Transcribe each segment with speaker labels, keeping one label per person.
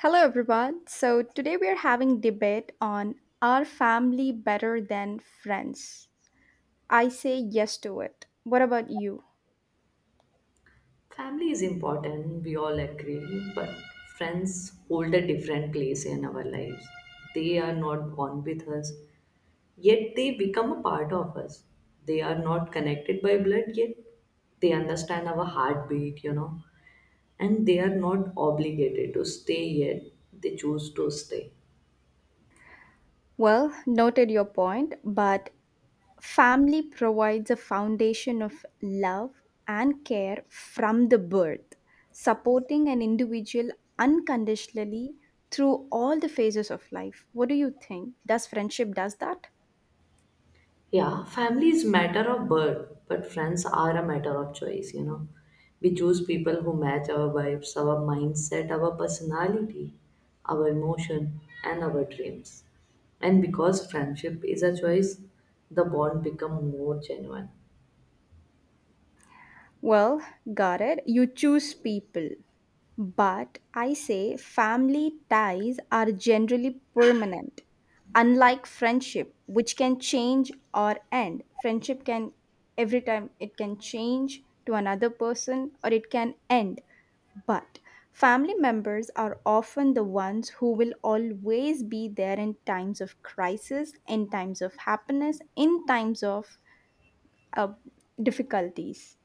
Speaker 1: Hello everyone. So today we are having debate on are family better than friends? I say yes to it. What about you?
Speaker 2: Family is important, we all agree, but friends hold a different place in our lives. They are not born with us, yet they become a part of us. They are not connected by blood, yet they understand our heartbeat, and they are not obligated to stay yet. They choose to stay.
Speaker 1: Well, noted your point, but family provides a foundation of love and care from the birth, supporting an individual unconditionally through all the phases of life. What do you think? Does friendship does that?
Speaker 2: Yeah, family is matter of birth, but friends are a matter of choice. We choose people who match our vibes, our mindset, our personality, our emotion, and our dreams. And because friendship is a choice, the bond become more genuine.
Speaker 1: Well, Garrett, you choose people. But I say family ties are generally permanent. Unlike friendship, which can change or end, friendship can every time it can change to another person or it can end. But family members are often the ones who will always be there in times of crisis, in times of happiness, in times of uh, difficulties.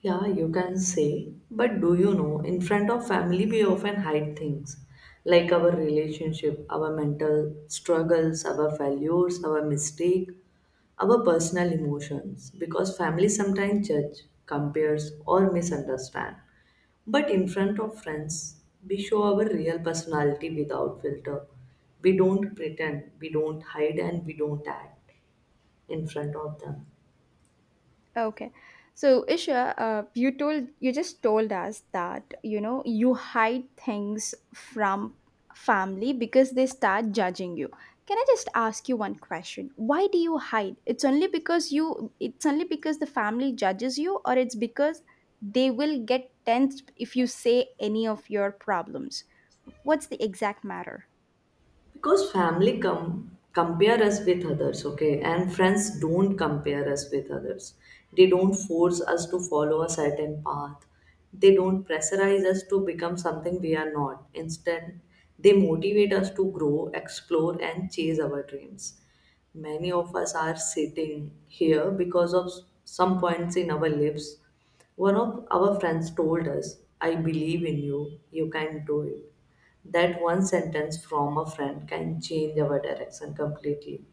Speaker 2: Yeah, you can say. But do you know, in front of family, we often hide things like our relationship, our mental struggles, our failures, our mistake, our personal emotions. Because family sometimes judge, compares, or misunderstand. But in front of friends, we show our real personality without filter. We don't pretend, we don't hide, and we don't act in front of them.
Speaker 1: Okay. So, Isha, you just told us that you know you hide things from family because they start judging you. Can I just ask you one question? Why do you hide? It's only because the family judges you or it's because they will get tense if you say any of your problems. What's the exact matter?
Speaker 2: Because compare us with others, okay, and friends don't compare us with others. They don't force us to follow a certain path. They don't pressurize us to become something we are not. Instead, they motivate us to grow, explore, and chase our dreams. Many of us are sitting here because of some points in our lives. One of our friends told us, I believe in you, you can do it. That one sentence from a friend can change our direction completely.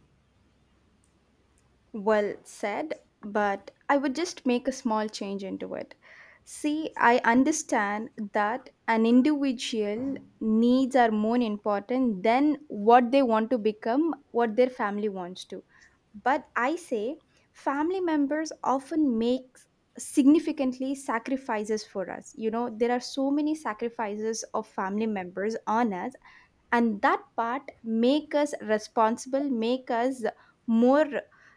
Speaker 1: Well said, but I would just make a small change into it. See, I understand that an individual needs are more important than what they want to become, what their family wants to. But I say family members often make significantly sacrifices for us. You know, there are so many sacrifices of family members on us and that part make us responsible make us more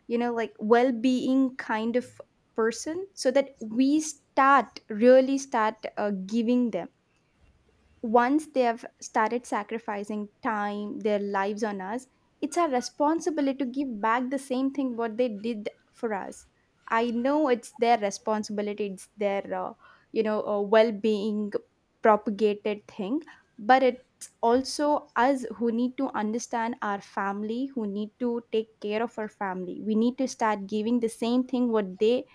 Speaker 1: you know like well-being kind of person so that we start really start giving them once they have started sacrificing time, their lives on us, it's our responsibility to give back the same thing what they did for us. I know it's their responsibility, it's their you know well-being propagated thing, but it's also us who need to understand our family, who need to take care of our family. We need to start giving the same thing what they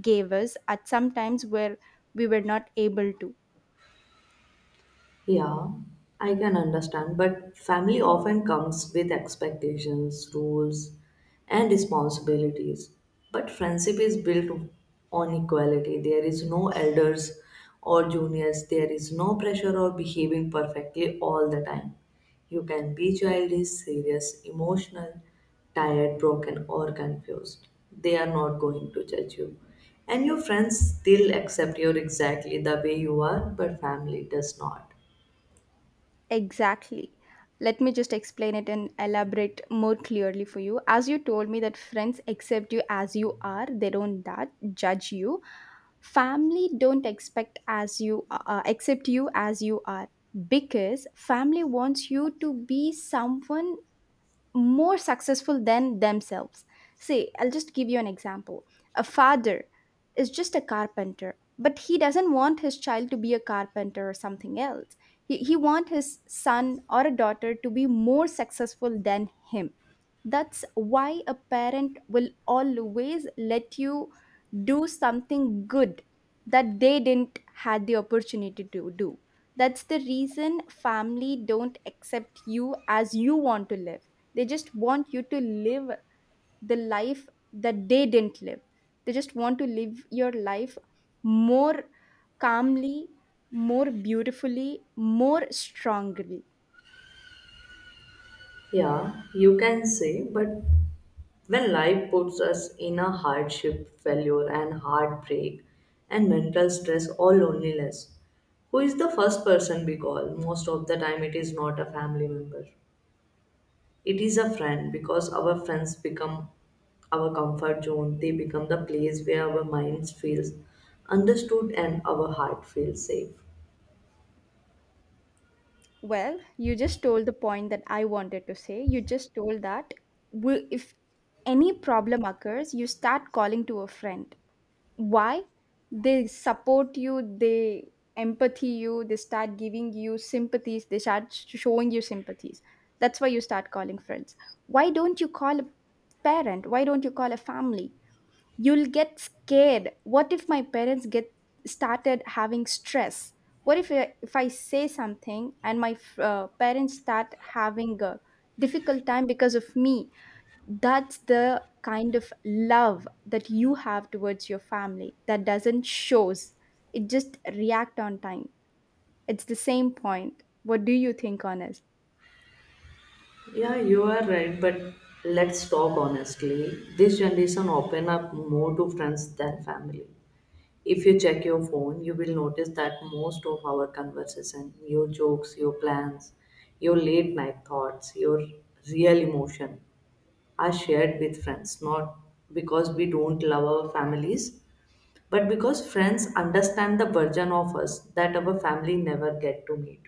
Speaker 1: gave us at some times where we were not able to.
Speaker 2: Yeah, I can understand, but family often comes with expectations, rules, and responsibilities. But friendship is built on equality. There is no elders or juniors. There is no pressure or behaving perfectly all the time. You can be childish, serious, emotional, tired, broken, or confused. They are not going to judge you. And your friends still accept you exactly the way you are, but family does not.
Speaker 1: Exactly. Let me just explain it and elaborate more clearly for you. As you told me that friends accept you as you are, they don't that judge you. Family don't expect as you accept you as you are because family wants you to be someone more successful than themselves. See, I'll just give you an example. A father is just a carpenter, but he doesn't want his child to be a carpenter or something else. He wants his son or a daughter to be more successful than him. That's why a parent will always let you do something good that they didn't had the opportunity to do. That's the reason family don't accept you as you want to live, they just want you to live the life that they didn't live. They just want to live your life more calmly, more beautifully, more strongly.
Speaker 2: Yeah, you can say, but when life puts us in a hardship, failure, and heartbreak, and mental stress or loneliness, who is the first person we call? Most of the time, it is not a family member. It is a friend because our friends become our comfort zone. They become the place where our minds feels understood and our heart feels safe.
Speaker 1: Well, you just told the point that I wanted to say. You just told that if any problem occurs, you start calling to a friend. Why they support you they empathy you they start giving you sympathies they start showing you sympathies, that's why you start calling friends. Why don't you call a parent? Why don't you call a family? You'll get scared. What if my parents get started having stress? What if if I say something and my parents start having a difficult time because of me? That's the kind of love that you have towards your family that doesn't shows. It just react on time. It's the same point. What do you think on it?
Speaker 2: Yeah, you are right, but let's talk honestly. This generation open up more to friends than family. If you check your phone, you will notice that most of our conversation, your jokes, your plans, your late night thoughts, your real emotion are shared with friends, not because we don't love our families, but because friends understand the version of us that our family never get to meet.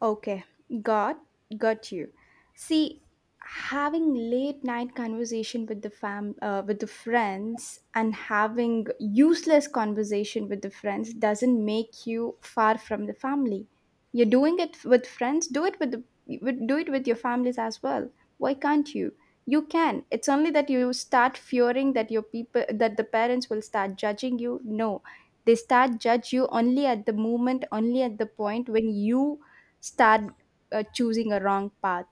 Speaker 1: Okay, got got you. See, having late night conversation with the fam with the friends and having useless conversation with the friends doesn't make you far from the family. You're doing it with friends, do it with the with, do it with your families as well. Why can't you? You can. It's only that you start fearing that your people that the parents will start judging you. No. They start judge you only at the moment, only at the point when you start choosing a wrong path.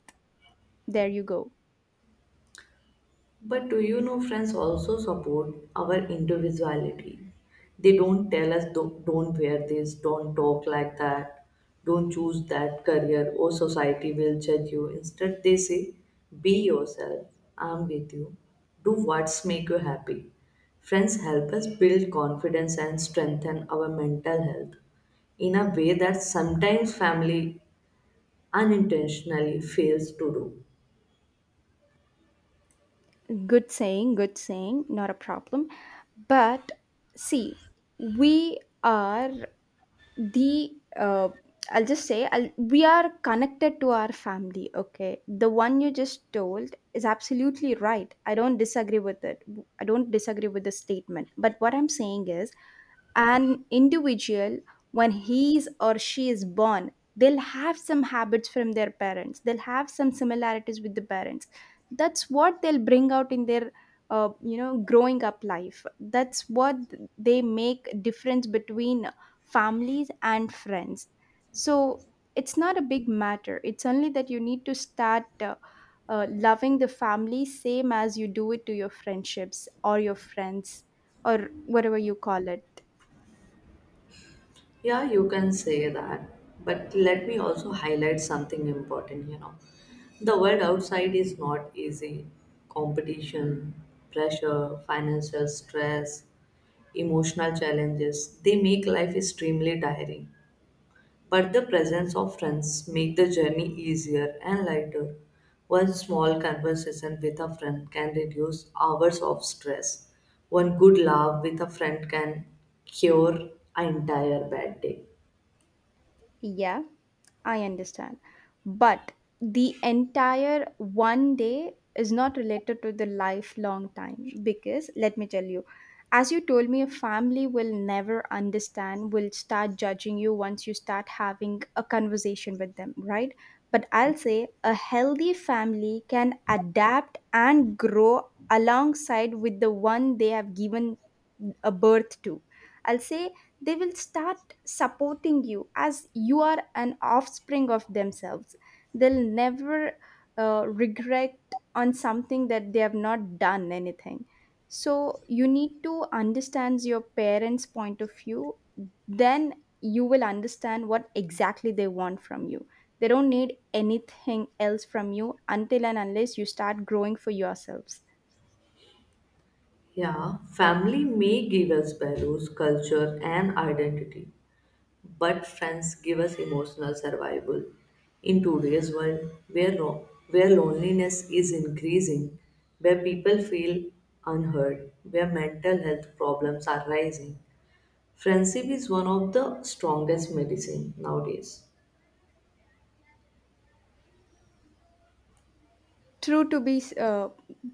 Speaker 1: There you go.
Speaker 2: But do you know friends also support our individuality? They don't tell us, Don't wear this, don't talk like that, don't choose that career or society will judge you." Instead they say, "Be yourself, I'm with you. Do what's make you happy." Friends help us build confidence and strengthen our mental health in a way that sometimes family unintentionally fails to do.
Speaker 1: Good saying, not a problem. But see, we are the uh, I'll just say I'll, we are connected to our family, okay, the one you just told is absolutely right, I don't disagree with it, I don't disagree with the statement, but what I'm saying is an individual when he is or she is born, they'll have some habits from their parents, they'll have some similarities with the parents, that's what they'll bring out in their you know growing up life, that's what they make difference between families and friends. So it's not a big matter, it's only that you need to start loving the family same as you do it to your friendships or your friends or whatever you call it.
Speaker 2: Yeah, you can say that. But let me also highlight something important. The world outside is not easy. Competition, pressure, financial stress, emotional challenges, they make life extremely tiring. But the presence of friends make the journey easier and lighter. One small conversation with a friend can reduce hours of stress. One good laugh with a friend can cure an entire bad day.
Speaker 1: Yeah, I understand. But the entire one day is not related to the lifelong time because let me tell you, as you told me, a family will never understand, will start judging you once you start having a conversation with them, right? But I'll say a healthy family can adapt and grow alongside with the one they have given a birth to. I'll say they will start supporting you as you are an offspring of themselves, they'll never regret on something that they have not done anything. So you need to understand your parents point of view, then you will understand what exactly they want from you. They don't need anything else from you until and unless you start growing for yourselves.
Speaker 2: Yeah, family may give us values, culture, and identity, but friends give us emotional survival. In today's world, where loneliness is increasing, where people feel unheard, where mental health problems are rising, friendship is one of the strongest medicine nowadays.
Speaker 1: True to be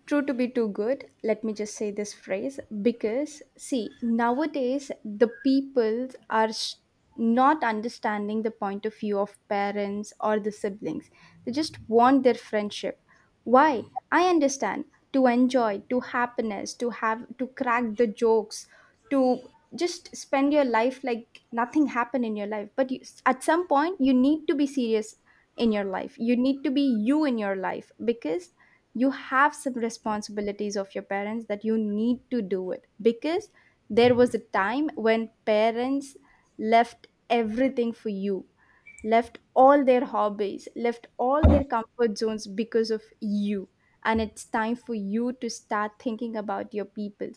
Speaker 1: true to be too good, let me just say this phrase because see nowadays the people are not understanding the point of view of parents or the siblings, they just want their friendship. Why? I understand, to enjoy, to happiness, to have, to crack the jokes, to just spend your life like nothing happened in your life, but you, at some point you need to be serious in your life. You need to be you in your life because you have some responsibilities of your parents that you need to do it. Because there was a time when parents left everything for you, left all their hobbies, left all their comfort zones because of you. And it's time for you to start thinking about your people.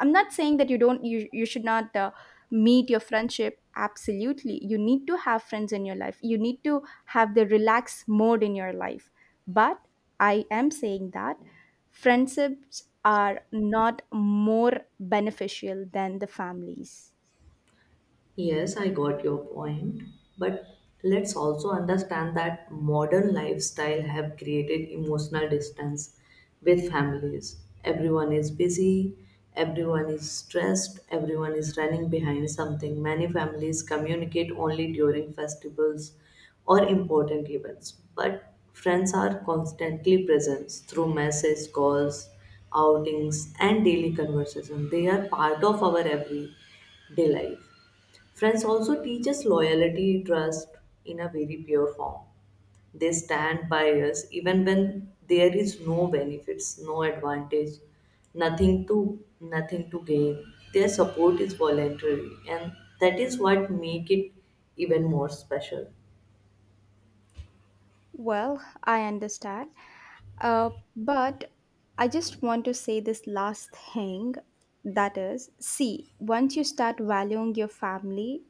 Speaker 1: I'm not saying that you should not meet your friendship. Absolutely, you need to have friends in your life. You need to have the relaxed mode in your life. But I am saying that friendships are not more beneficial than the families.
Speaker 2: Yes, I got your point, but let's also understand that modern lifestyle have created emotional distance with families. Everyone is busy, everyone is stressed, everyone is running behind something. Many families communicate only during festivals or important events, but friends are constantly present through message calls, outings and daily conversation. They are part of our everyday life. Friends also teach us loyalty, trust in a very pure form. They stand by us even when there is no benefits, no advantage, nothing to gain. Their support is voluntary and that is what make it even more special.
Speaker 1: Well, I understand. But I just want to say this last thing that is, see, once you start valuing your family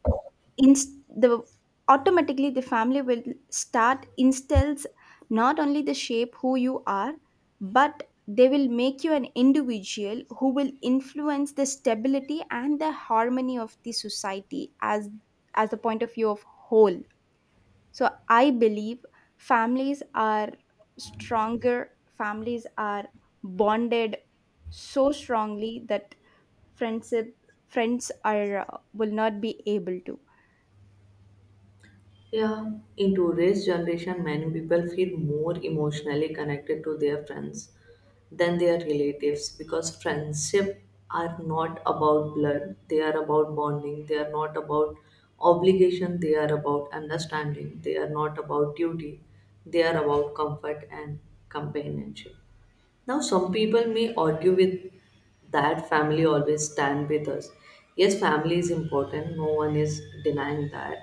Speaker 1: inst- the automatically the family will start instills not only the shape who you are, but they will make you an individual who will influence the stability and the harmony of the society as the point of view of whole. So I believe families are stronger, families are bonded so strongly that friendship friends are will not be able to.
Speaker 2: Yeah, in today's generation, many people feel more emotionally connected to their friends than their relatives because friendship are not about blood, they are about bonding, they are not about obligation, they are about understanding, they are not about duty, they are about comfort and companionship. Now, some people may argue with that family always stand with us. Yes, family is important, no one is denying that.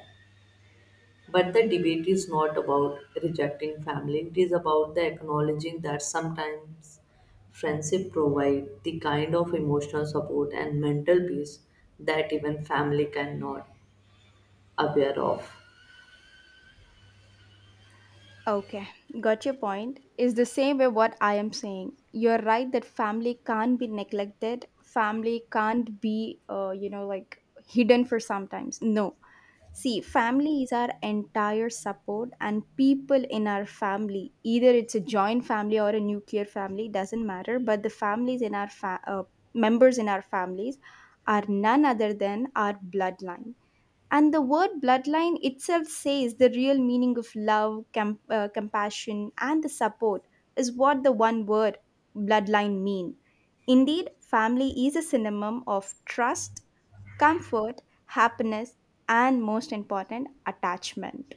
Speaker 2: But the debate is not about rejecting family, it is about the acknowledging that sometimes friendship provide the kind of emotional support and mental peace that even family cannot aware of.
Speaker 1: Okay, got your point. Is the same way what I am saying. You're right that family can't be neglected. Family can't be, you know, like hidden for sometimes. No. See, family is our entire support, and people in our family, either it's a joint family or a nuclear family, doesn't matter. But the families in our members in our families are none other than our bloodline, and the word bloodline itself says the real meaning of love, compassion, and the support is what the one word bloodline mean. Indeed, family is a synonym of trust, comfort, happiness, and most important, attachment.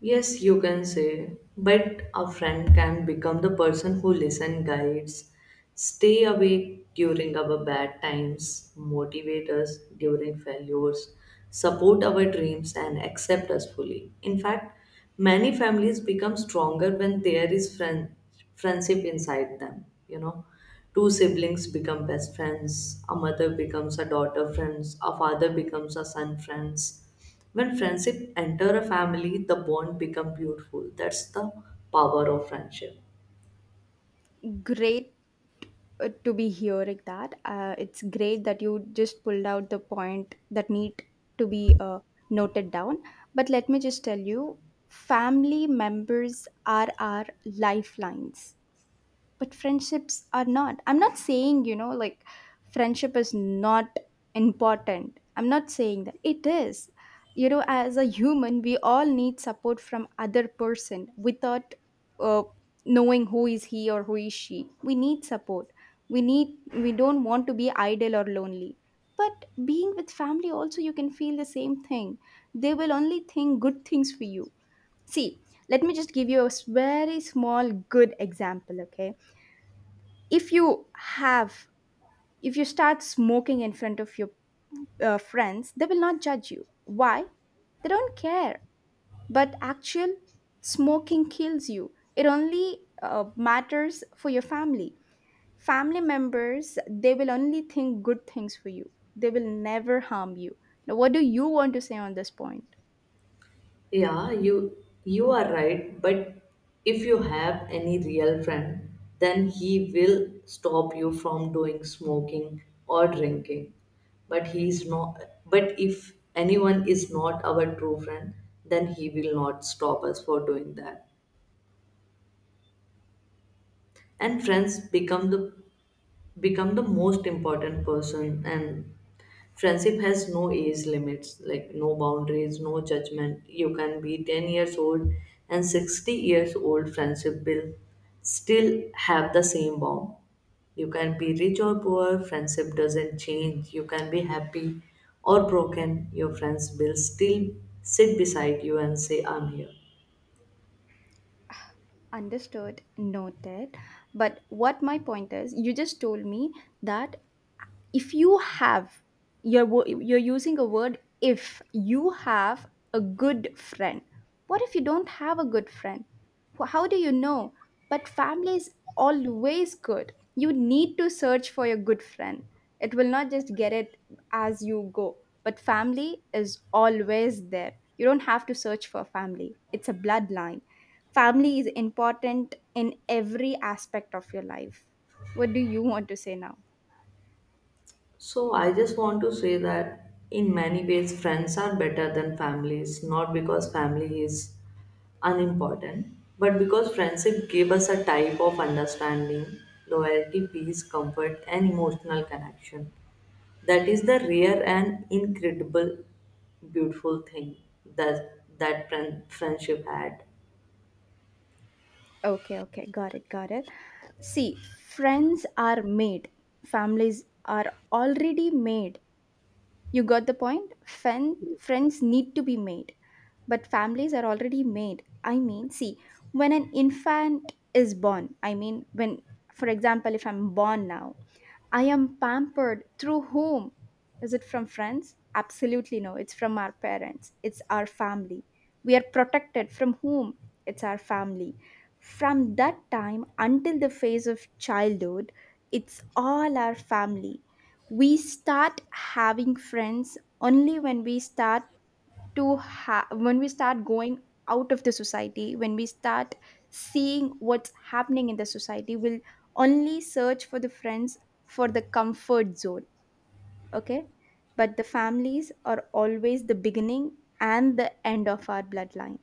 Speaker 2: Yes, you can say, but a friend can become the person who listen guides, stay awake during our bad times, motivate us during failures, support our dreams and accept us fully. In fact, many families become stronger when there is friendship inside them. Two siblings become best friends, a mother becomes a daughter friends, a father becomes a son friends when friendship enter a family, the bond become beautiful. That's the power of friendship.
Speaker 1: Great to be hearing that. It's great that you just pulled out the point that need to be noted down. But let me just tell you, family members are our lifelines, but friendships are not. I'm not saying, like friendship is not important. I'm not saying that it is. You know, as a human, we all need support from other person without uh, knowing who is he or who is she. We need support, we need we don't want to be idle or lonely. But being with family also, you can feel the same thing. They will only think good things for you. See, let me just give you a very small good example. Okay, if you have if you start smoking in front of your friends, they will not judge you. Why? They don't care. But actual smoking kills you. It only matters for your family. Family members, they will only think good things for you. They will never harm you. Now what do you want to say on this point?
Speaker 2: Yeah, you are right, but if you have any real friend, then he will stop you from doing smoking or drinking. But he is not but if anyone is not our true friend, then he will not stop us for doing that. And friends become the most important person and friendship has no age limits, like no boundaries, no judgment. You can be 10 years old and 60 years old, friendship will still have the same bond. You can be rich or poor, friendship doesn't change. You can be happy or broken, your friends will still sit beside you and say, "I'm here."
Speaker 1: Understood, noted. But what my point is, you just told me that if you have, you're using a word, if you have a good friend, what if you don't have a good friend? How do you know? But family is always good. You need to search for your good friend. It will not just get it as you go. But family is always there. You don't have to search for family. It's a bloodline. Family is important in every aspect of your life. What do you want to say now?
Speaker 2: So I just want to say that in many ways friends are better than families, not because family is unimportant, but because friendship gave us a type of understanding, loyalty, peace, comfort and emotional connection that is the rare and incredible beautiful thing that friendship had.
Speaker 1: Okay, okay, got it, got it. See, friends are made, families are already made. You got the point? Friends need to be made, but families are already made. I mean, see, when an infant is born, I mean, when, for example, if I'm born now, I am pampered through whom? Is it from friends? Absolutely no. It's from our parents. It's our family. We are protected from whom? It's our family. From that time until the phase of childhood, it's all our family. We start having friends only when we start when we start going out of the society, when we start seeing what's happening in the society, we'll only search for the friends, for the comfort zone. Okay, but the families are always the beginning and the end of our bloodline.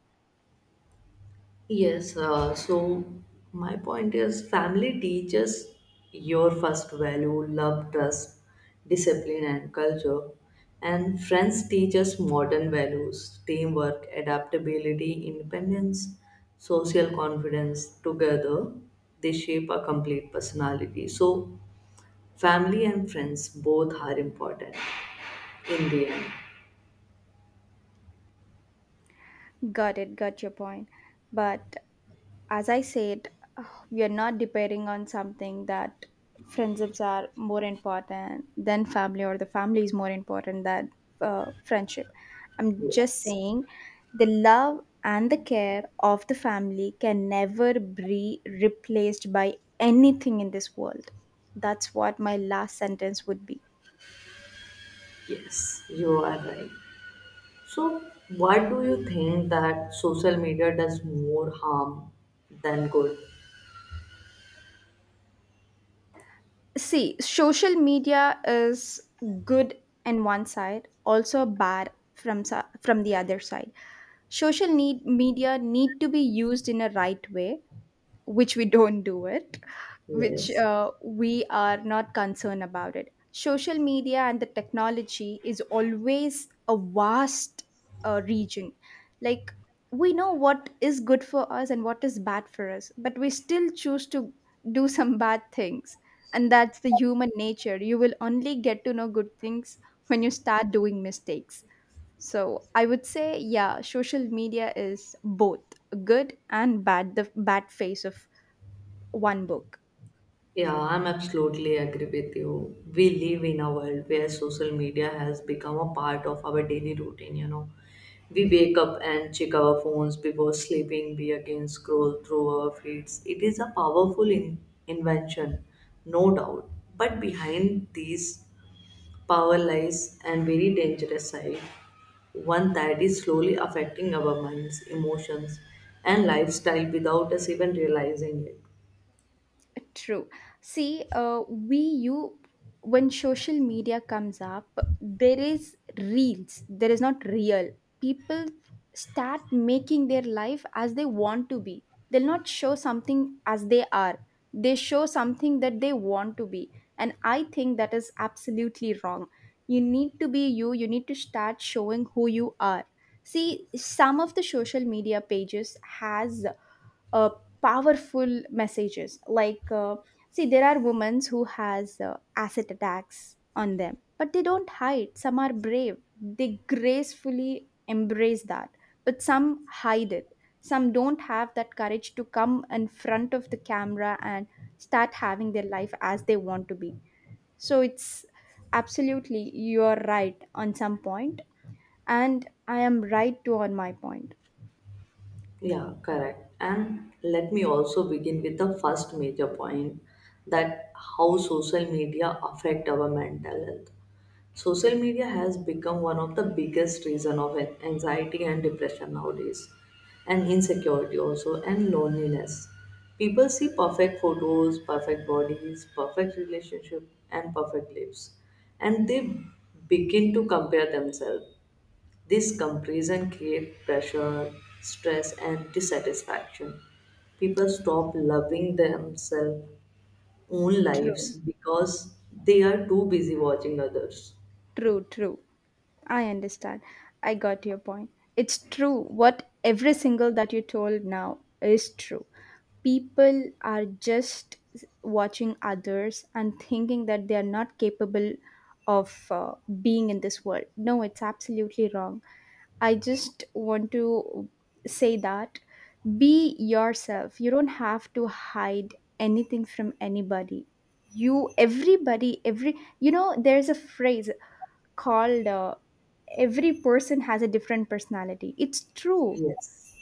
Speaker 2: Yes, so my point is family teaches your first value, love, trust, discipline, and culture. And friends teach us modern values, teamwork, adaptability, independence, social confidence. Together, they shape a complete personality. So, family and friends both are important in the end.
Speaker 1: Got it, got your point. But as I said, uh, we are not depending on something that friendships are more important than family, or the family is more important than friendship. I'm just
Speaker 2: Yes,
Speaker 1: saying the love and the care of the family can never be replaced by anything in this world. That's what my last sentence would be.
Speaker 2: yes, you are right. So, what do you think that social media does more harm than good?
Speaker 1: See, social media is good in one side, also bad from from the other side. Social need media need to be used in a right way, which we don't do it, which
Speaker 2: Yes.
Speaker 1: we are not concerned about it. Social media and the technology is always a vast region. Like, we know what is good for us and what is bad for us, but we still choose to do some bad things. And that's the human nature. You will only get to know good things when you start doing mistakes. So I would say, yeah, social media is both good and bad, the bad face of one book.
Speaker 2: Yeah, I'm absolutely agree with you. We live in a world where social media has become a part of our daily routine. We wake up and check our phones before sleeping, we again scroll through our feeds. It is a powerful invention, no doubt. But behind these power lies and very dangerous side, one that is slowly affecting our minds, emotions, and lifestyle without us even realizing it.
Speaker 1: True. See, we you when social media comes up, there is reels. There is not real. People start making their life as they want to be. They'll not show something as they are. They show something that they want to be, and I think that is absolutely wrong. You need to be you. You need to start showing who you are. See, some of the social media pages has uh, powerful messages like see, there are women who has acid attacks on them, but they don't hide. Some are brave, they gracefully embrace that, but some hide it. Some don't have that courage to come in front of the camera and start having their life as they want to be. So it's absolutely, you're right on some point, and I am right too on my point.
Speaker 2: Yeah, correct. And let me also begin with the first major point that how social media affect our mental health. Social media has become one of the biggest reason of anxiety and depression nowadays, and insecurity also, and loneliness. People see perfect photos, perfect bodies, perfect relationship, and perfect lives, and they begin to compare themselves. This comparison creates pressure, stress, and dissatisfaction. People stop loving themselves' own
Speaker 1: True.
Speaker 2: lives because they are too busy watching others.
Speaker 1: True, true. I understand. I got your point. It's true. What every single that you told now is true. People are just watching others and thinking that they are not capable of being in this world. No, it's absolutely wrong. I just want to say that be yourself. You don't have to hide anything from anybody. You, everybody, every, you know, there's a phrase called every person has a different personality. It's true.
Speaker 2: Yes.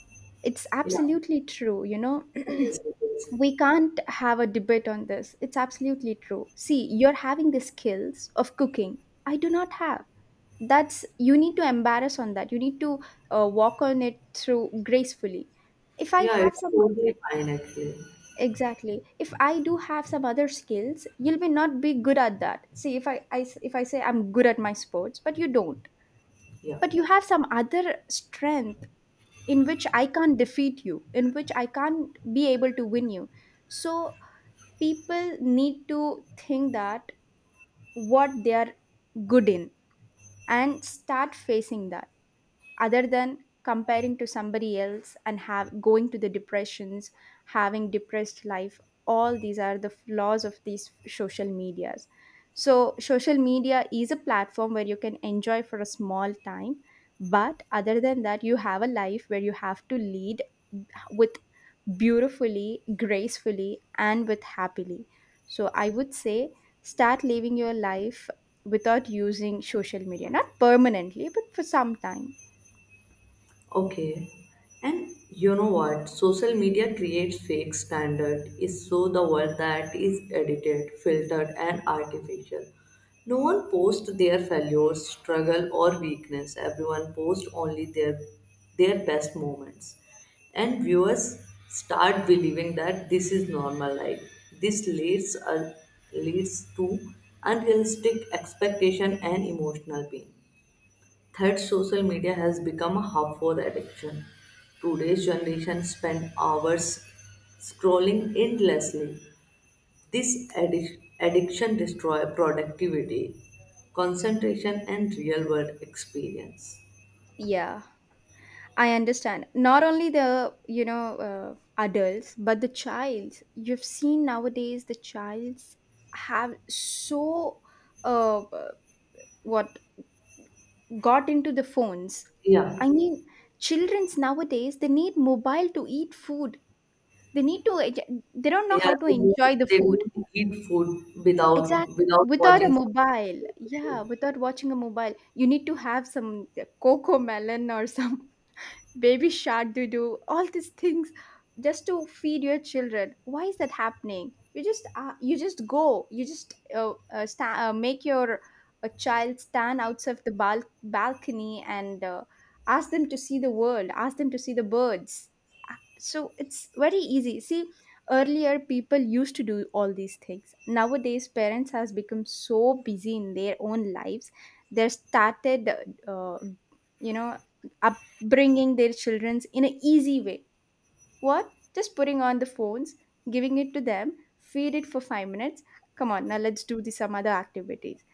Speaker 1: It's
Speaker 2: Yeah,
Speaker 1: absolutely true, you know.
Speaker 2: yes, it
Speaker 1: we
Speaker 2: is.
Speaker 1: can't have a debate on this. It's absolutely true. See, you're having the skills of cooking, I do not have that's you need to embarrass on that. You need to walk on it through gracefully. If I
Speaker 2: Yeah,
Speaker 1: have
Speaker 2: it's
Speaker 1: some,
Speaker 2: totally fine actually.
Speaker 1: exactly, if I do have some other skills, you'll be not be good at that. See, if I say I'm good at my sports but you don't,
Speaker 2: Yeah.
Speaker 1: but you have some other strength in which I can't defeat you, in which I can't be able to win you. So people need to think that what they are good in, and start facing that, other than comparing to somebody else and have going to the depressions, having depressed life. All these are the flaws of these social medias. So social media is a platform where you can enjoy for a small time, but other than that, you have a life where you have to lead with beautifully, gracefully, and with happily. So I would say start living your life without using social media, not permanently but for some time.
Speaker 2: Okay. And you know what? Social media creates fake standard is so the world that is edited, filtered and artificial. No one posts their failures, struggle or weakness. Everyone posts only their best moments. And viewers start believing that this is normal life. This leads to unrealistic expectation and emotional pain. Third, social media has become a harmful addiction. Today's generation spend hours scrolling endlessly. This addiction destroys productivity, concentration, and real world experience.
Speaker 1: Yeah, I understand. Not only the, you know, adults, but the child. You've seen nowadays the childs have so, uh, uh, what, got into the phones.
Speaker 2: Yeah,
Speaker 1: I mean, children's nowadays, they need mobile to eat food. They need to, they don't know
Speaker 2: yeah,
Speaker 1: how to enjoy the
Speaker 2: they
Speaker 1: food.
Speaker 2: don't eat food
Speaker 1: Exactly.
Speaker 2: without
Speaker 1: Without a
Speaker 2: watching
Speaker 1: mobile, yeah,
Speaker 2: something.
Speaker 1: without watching a mobile, you need to have some cocoa melon or some baby shark doo doo, all these things just to feed your children. Why is that happening? You just go. You just make your a child stand outside the balcony and ask them to see the world. Ask them to see the birds. So it's very easy. See, earlier people used to do all these things. Nowadays, parents has become so busy in their own lives. They started uh, you know, bringing their children's in an easy way. What? Just putting on the phones, giving it to them, feed it for 5 minutes. Come on, now let's do the, some other activities.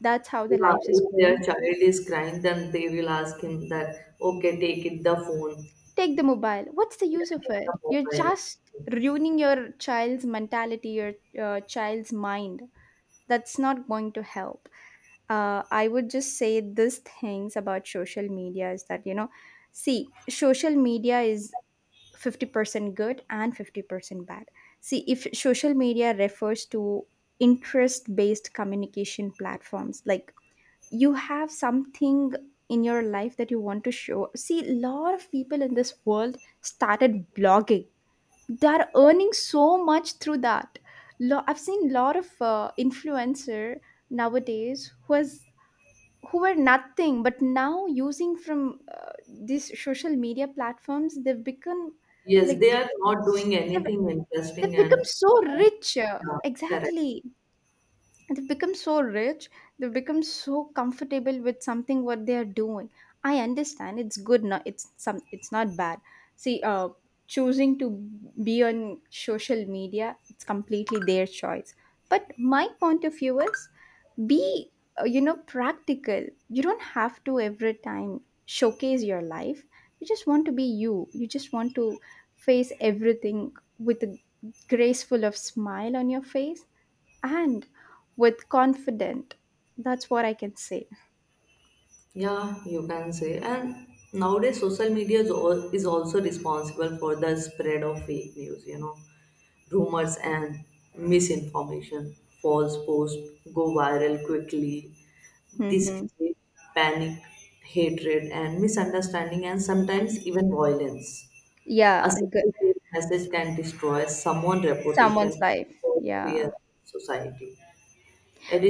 Speaker 1: That's how the
Speaker 2: Yeah,
Speaker 1: life is
Speaker 2: if their
Speaker 1: going.
Speaker 2: child is crying, then they will ask him that, okay, take it the phone,
Speaker 1: Take the mobile. What's the
Speaker 2: yeah,
Speaker 1: use of
Speaker 2: take
Speaker 1: it?
Speaker 2: the
Speaker 1: You're
Speaker 2: mobile.
Speaker 1: just ruining your child's mentality, your child's mind. That's not going to help. I would just say these things about social media is that, you know, see, social media is 50% good and 50% bad. See, if social media refers to interest based communication platforms, like you have something in your life that you want to show. See, a lot of people in this world started blogging, they're earning so much through that. I've seen a lot of influencer nowadays who has who were nothing but now using from these social media platforms, they've become
Speaker 2: Yes, they
Speaker 1: like
Speaker 2: are not
Speaker 1: s-
Speaker 2: doing
Speaker 1: they've,
Speaker 2: anything interesting
Speaker 1: they've become
Speaker 2: and
Speaker 1: so rich,
Speaker 2: yeah, correct.
Speaker 1: exactly, they've become so rich, they've become so comfortable with something what they are doing. I understand it's good. Not it's some, it's not bad. See, choosing to be on social media, it's completely their choice. But my point of view is be you know, practical. You don't have to every time showcase your life. You just want to be you. You just want to face everything with a graceful of smile on your face and with confident. That's what I can say.
Speaker 2: Yeah, you can say. And nowadays, social media is, all, is also responsible for the spread of fake news, rumors and misinformation. False posts go viral quickly. This
Speaker 1: Hmm.
Speaker 2: creates panic, hatred, and misunderstanding, and sometimes even violence. A
Speaker 1: Yeah, good.
Speaker 2: single fake message can destroy someone's
Speaker 1: Someone's
Speaker 2: reputation
Speaker 1: life.
Speaker 2: or fear
Speaker 1: Yeah.
Speaker 2: society.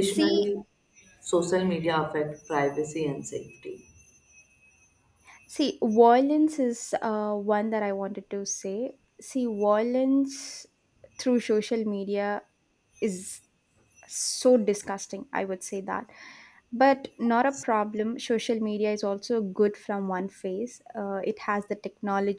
Speaker 1: See,
Speaker 2: social media affect privacy and safety.
Speaker 1: see violence is one that I wanted to say. See, violence through social media is so disgusting, I would say that. But not a problem, social media is also good from one face. It has the technology.